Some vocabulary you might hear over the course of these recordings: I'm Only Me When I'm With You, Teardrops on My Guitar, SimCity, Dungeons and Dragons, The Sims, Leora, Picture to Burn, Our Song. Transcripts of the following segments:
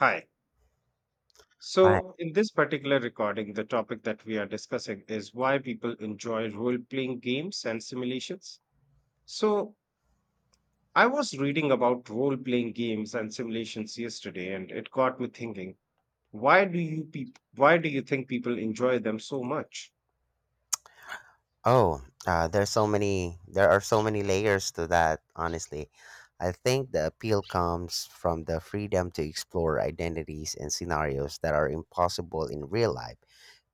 Hi. Hi. So, in this particular recording, the topic that we are discussing is why people enjoy role playing games and simulations. So, I was reading about role playing games and simulations yesterday, and it got me thinking, why do why do you think people enjoy them so much? Oh, there's so many. There are so many layers to that. Honestly, I think the appeal comes from the freedom to explore identities and scenarios that are impossible in real life.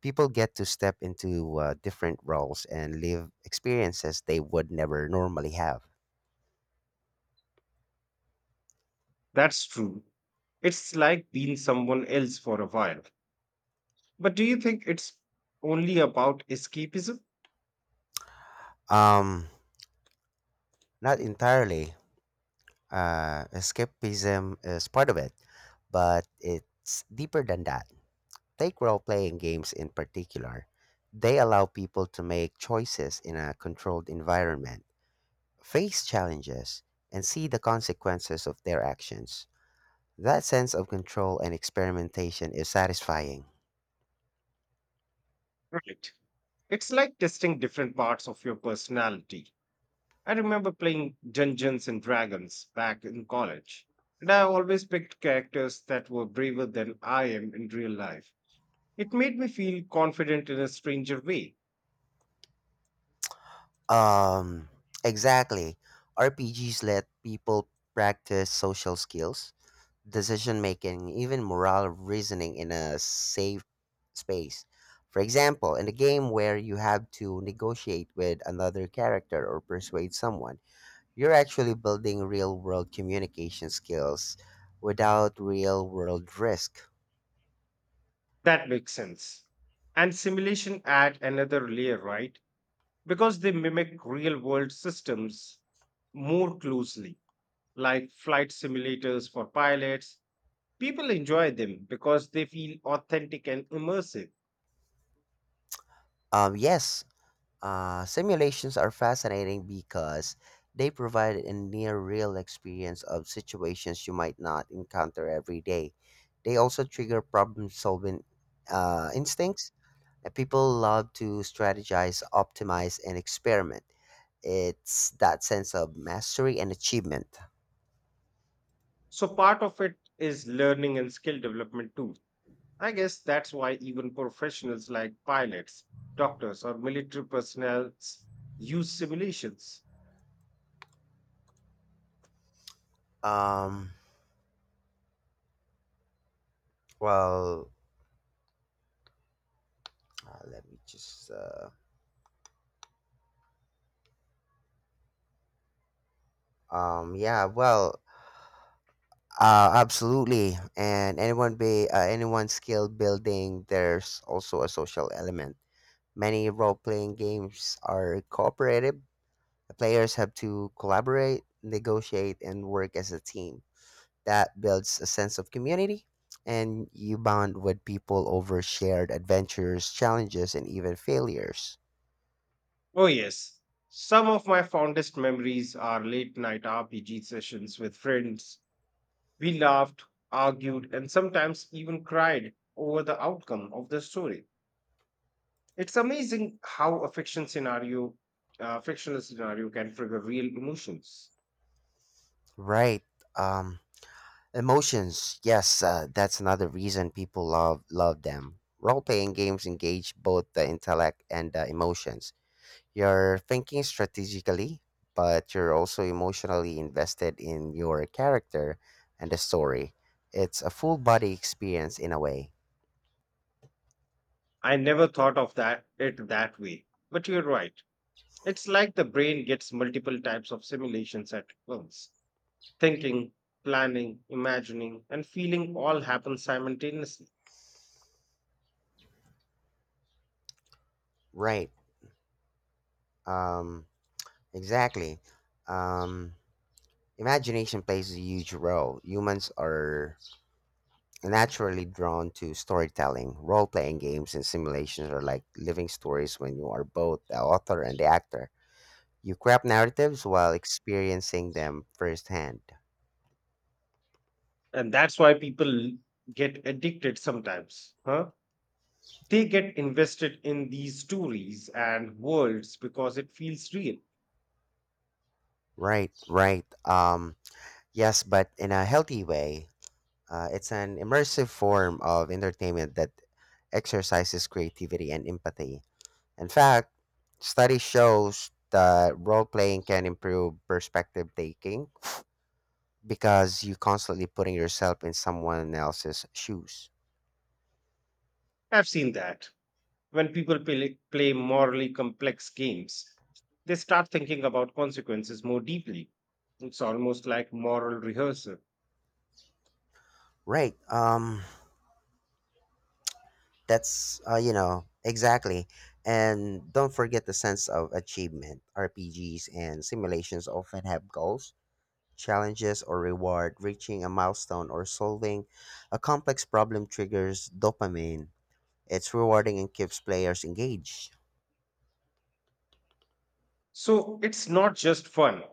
People get to step into different roles and live experiences they would never normally have. That's true. It's like being someone else for a while. But do you think it's only about escapism? Um, Not entirely. Escapism is part of it, but it's deeper than that. Take role playing games in particular. They allow people to make choices in a controlled environment, face challenges, and see the consequences of their actions. That sense of control and experimentation is satisfying. Right. It's like testing different parts of your personality. I remember playing Dungeons and Dragons back in college, and I always picked characters that were braver than I am in real life. It made me feel confident in a stranger way. Um, exactly. RPGs let people practice social skills, decision making, even moral reasoning in a safe space. For example, in a game where you have to negotiate with another character or persuade someone, you're actually building real world communication skills without real world risk. That makes sense. And simulation add another layer, right? Because they mimic real world systems more closely, like flight simulators for pilots. People enjoy them because they feel authentic and immersive. Yes, simulations are fascinating because they provide a near real experience of situations you might not encounter every day. They also trigger problem solving instincts. Now, people love to strategize, optimize, and experiment. It's that sense of mastery and achievement. So part of it is learning and skill development too. I guess that's why even professionals like pilots, doctors, or military personnel use simulations. Um, well, Let me just. Yeah, absolutely. And anyone be anyone skill building, there's also a social element. Many role playing games are cooperative. The players have to collaborate, negotiate, and work as a team. That builds a sense of community, and you bond with people over shared adventures, challenges, and even failures. Oh, yes. Some of my fondest memories are late night RPG sessions with friends. We laughed, argued, and sometimes even cried over the outcome of the story. It's amazing how a fictional scenario can trigger real emotions. Right. Um, Emotions. Yes, that's another reason people love them. Role playing games engage both the intellect and the emotions. You're thinking strategically, but you're also emotionally invested in your character and the story. It's a full body experience in a way. I never thought of that it that way, but you're right. It's like the brain gets multiple types of simulations at once. Thinking, planning, imagining, and feeling all happen simultaneously. Right. Um, exactly. Um, Imagination plays a huge role. Humans are naturally drawn to storytelling. Role playing games and simulations are like living stories when you are both the author and the actor. You craft narratives while experiencing them firsthand. And that's why people get addicted sometimes. Huh? They get invested in these stories and worlds because it feels real. Right. Yes, but in a healthy way. It's an immersive form of entertainment that exercises creativity and empathy. In fact, study shows that role playing can improve perspective taking because you constantly putting yourself in someone else's shoes. I've seen that. When people play morally complex games, they start thinking about consequences more deeply. It's almost like moral rehearsal. Right. exactly. And don't forget the sense of achievement. RPGs and simulations often have goals. Challenges or reward. Reaching a milestone or solving a complex problem triggers dopamine. It's rewarding and keeps players engaged. So it's not just fun,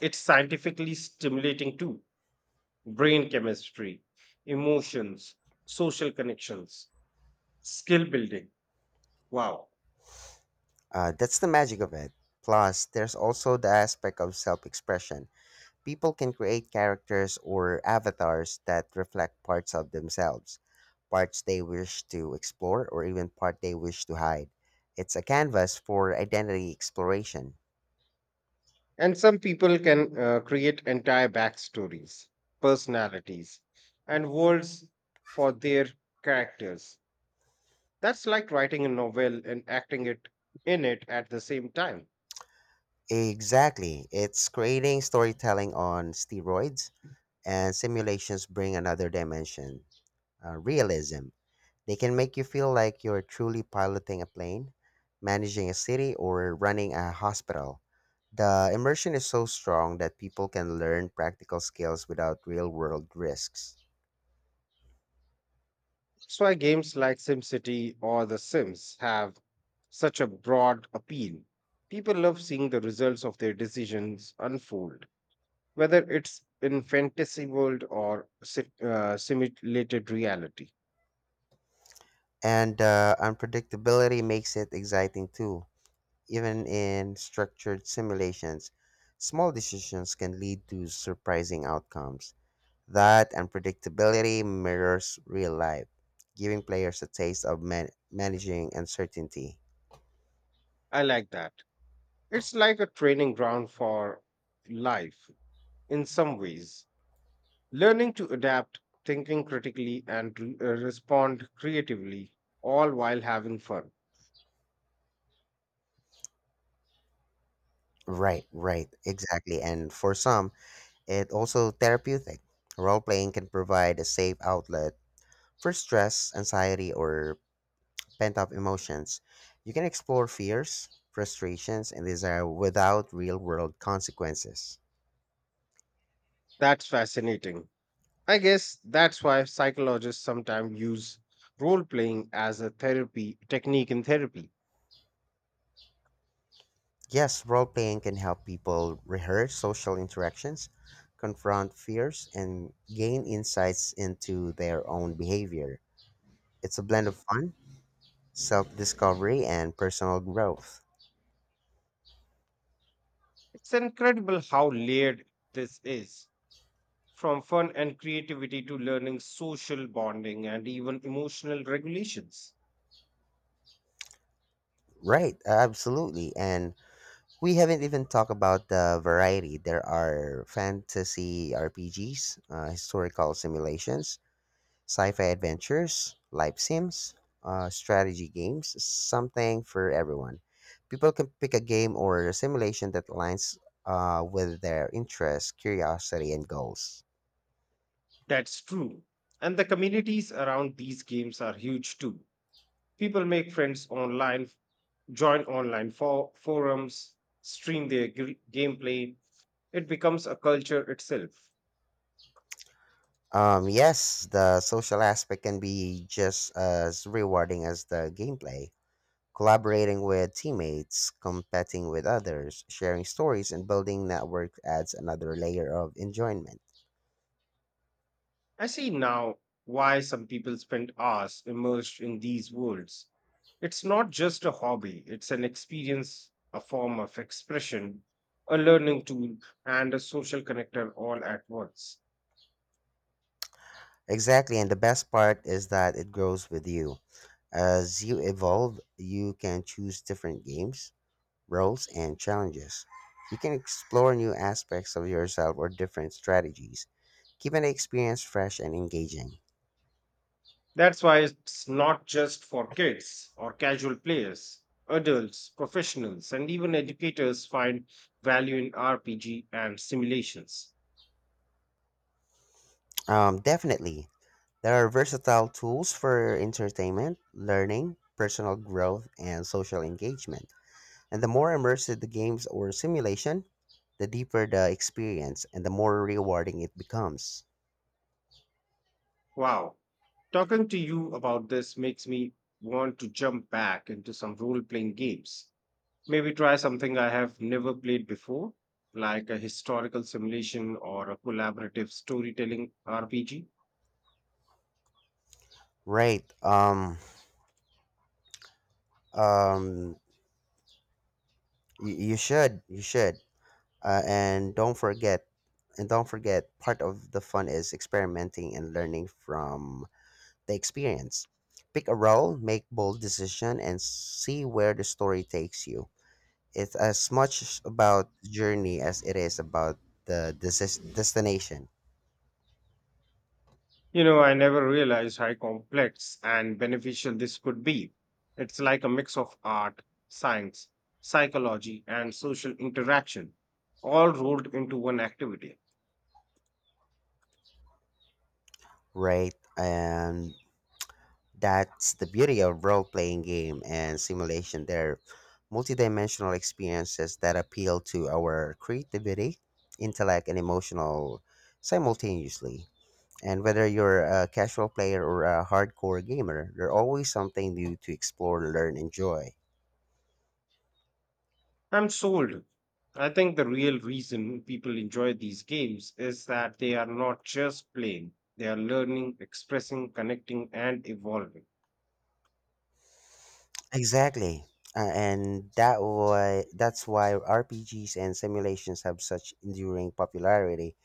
it's scientifically stimulating too. Brain chemistry, emotions, social connections, skill building. Wow. That's the magic of it. Plus, there's also the aspect of self expression. People can create characters or avatars that reflect parts of themselves, parts they wish to explore, or even part they wish to hide. It's a canvas for identity exploration. And some people can create entire backstories, personalities, and worlds for their characters. That's like writing a novel and acting it in it at the same time. Exactly. It's creating storytelling on steroids, and simulations bring another dimension, realism. They can make you feel like you're truly piloting a plane, managing a city, or running a hospital. The immersion is so strong that people can learn practical skills without real world risks. That's why games like SimCity or The Sims have such a broad appeal. People love seeing the results of their decisions unfold, whether it's in fantasy world or simulated reality. And unpredictability makes it exciting too. Even in structured simulations, small decisions can lead to surprising outcomes. That unpredictability mirrors real life, giving players a taste of managing uncertainty. I like that. It's like a training ground for life in some ways. Learning to adapt, thinking critically, and respond creatively, all while having fun. Right, right, exactly. And for some, it also therapeutic. Role playing can provide a safe outlet for stress, anxiety, or pent up emotions. You can explore fears, frustrations, and desire without real world consequences. That's fascinating. I guess that's why psychologists sometimes use role playing as a therapy technique in therapy. Yes, role playing can help people rehearse social interactions, confront fears, and gain insights into their own behavior. It's a blend of fun, self discovery, and personal growth. It's incredible how layered this is, from fun and creativity to learning, social bonding, and even emotional regulations. Right, absolutely. And we haven't even talked about the variety. There are fantasy RPGs, historical simulations, Sci-fi adventures, life sims, strategy games, something for everyone. People can pick a game or a simulation that aligns with their interests, curiosity, and goals. That's true. And the communities around these games are huge too. People make friends online, join online for forums, stream their gameplay. It becomes a culture itself. Yes, the social aspect can be just as rewarding as the gameplay. Collaborating with teammates, competing with others, sharing stories, and building network adds another layer of enjoyment. I see now why some people spend hours immersed in these worlds. It's not just a hobby, it's an experience, a form of expression, a learning tool, and a social connector all at once. Exactly, and the best part is that it grows with you. As you evolve, you can choose different games, roles, and challenges. You can explore new aspects of yourself or different strategies, keeping the experience fresh and engaging. That's why it's not just for kids or casual players. Adults, professionals, and even educators find value in RPG and simulations. Definitely, there are versatile tools for entertainment, learning, personal growth, and social engagement. And the more immersive the games or simulation, the deeper the experience and the more rewarding it becomes. Wow. Talking to you about this makes me want to jump back into some role playing games. Maybe try something I have never played before, like a historical simulation or a collaborative storytelling RPG. Right. Um. You should. You should. And don't forget part of the fun is experimenting and learning from the experience. Pick a role, make bold decision and see where the story takes you. It's as much about journey as it is about the destination. You know, I never realized how complex and beneficial this could be. It's like a mix of art, science, psychology, and social interaction, all rolled into one activity. Right and That's the beauty of role playing game and simulation. They're multidimensional experiences that appeal to our creativity, intellect, and emotional simultaneously. And whether you're a casual player or a hardcore gamer, there's always something new to explore, learn, enjoy. I'm sold. I think the real reason people enjoy these games is that they are not just playing, they are learning, expressing, connecting, and evolving. Exactly. And that why That's why RPGs and simulations have such enduring popularity.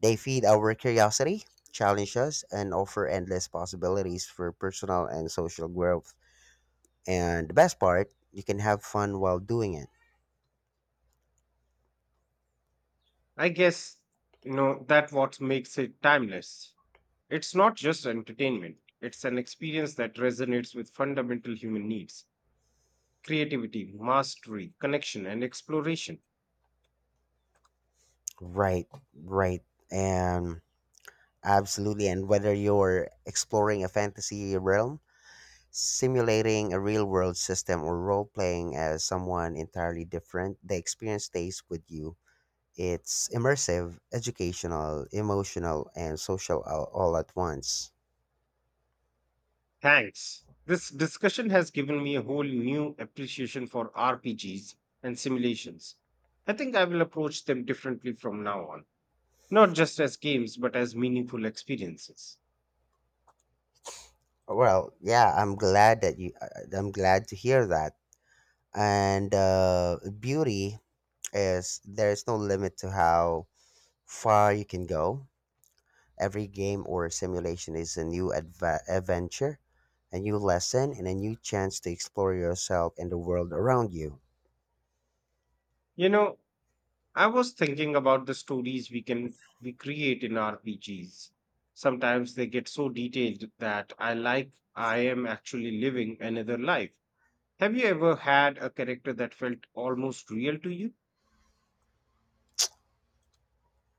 They feed our curiosity, challenge us, and offer endless possibilities for personal and social growth. And the best part, you can have fun while doing it. I guess, you know, that what makes it timeless. It's not just entertainment, it's an experience that resonates with fundamental human needs: creativity, mastery, connection, and exploration. Right, right. And Absolutely. And whether you're exploring a fantasy realm, simulating a real world system, or role playing as someone entirely different, the experience stays with you. It's immersive, educational, emotional, and social all at once. Thanks. This discussion has given me a whole new appreciation for RPGs and simulations. I think I will approach them differently from now on, not just as games, but as meaningful experiences. Well, yeah, I'm glad that you. I'm glad to hear that. And beauty is there is no limit to how far you can go. Every game or simulation is a new adva adventure, a new lesson, and a new chance to explore yourself and the world around you. You know, I was thinking about the stories we create in RPGs. Sometimes they get so detailed that I am actually living another life. Have you ever had a character that felt almost real to you?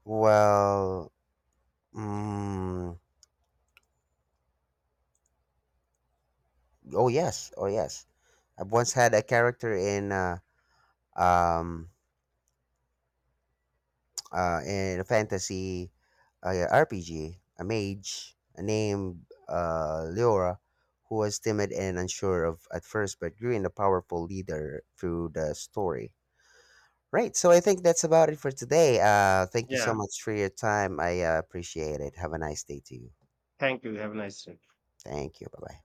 Well, mm, oh yes, oh yes. I once had a character um in a fantasy uh, RPG, a mage named Leora, who was timid and unsure of at first, but grew into a powerful leader through the story. Right, so I think that's about it for today. Thank you Yeah, so much for your time. I appreciate it. Have a nice day to you. thank you. Have a nice day. Thank you. Bye bye.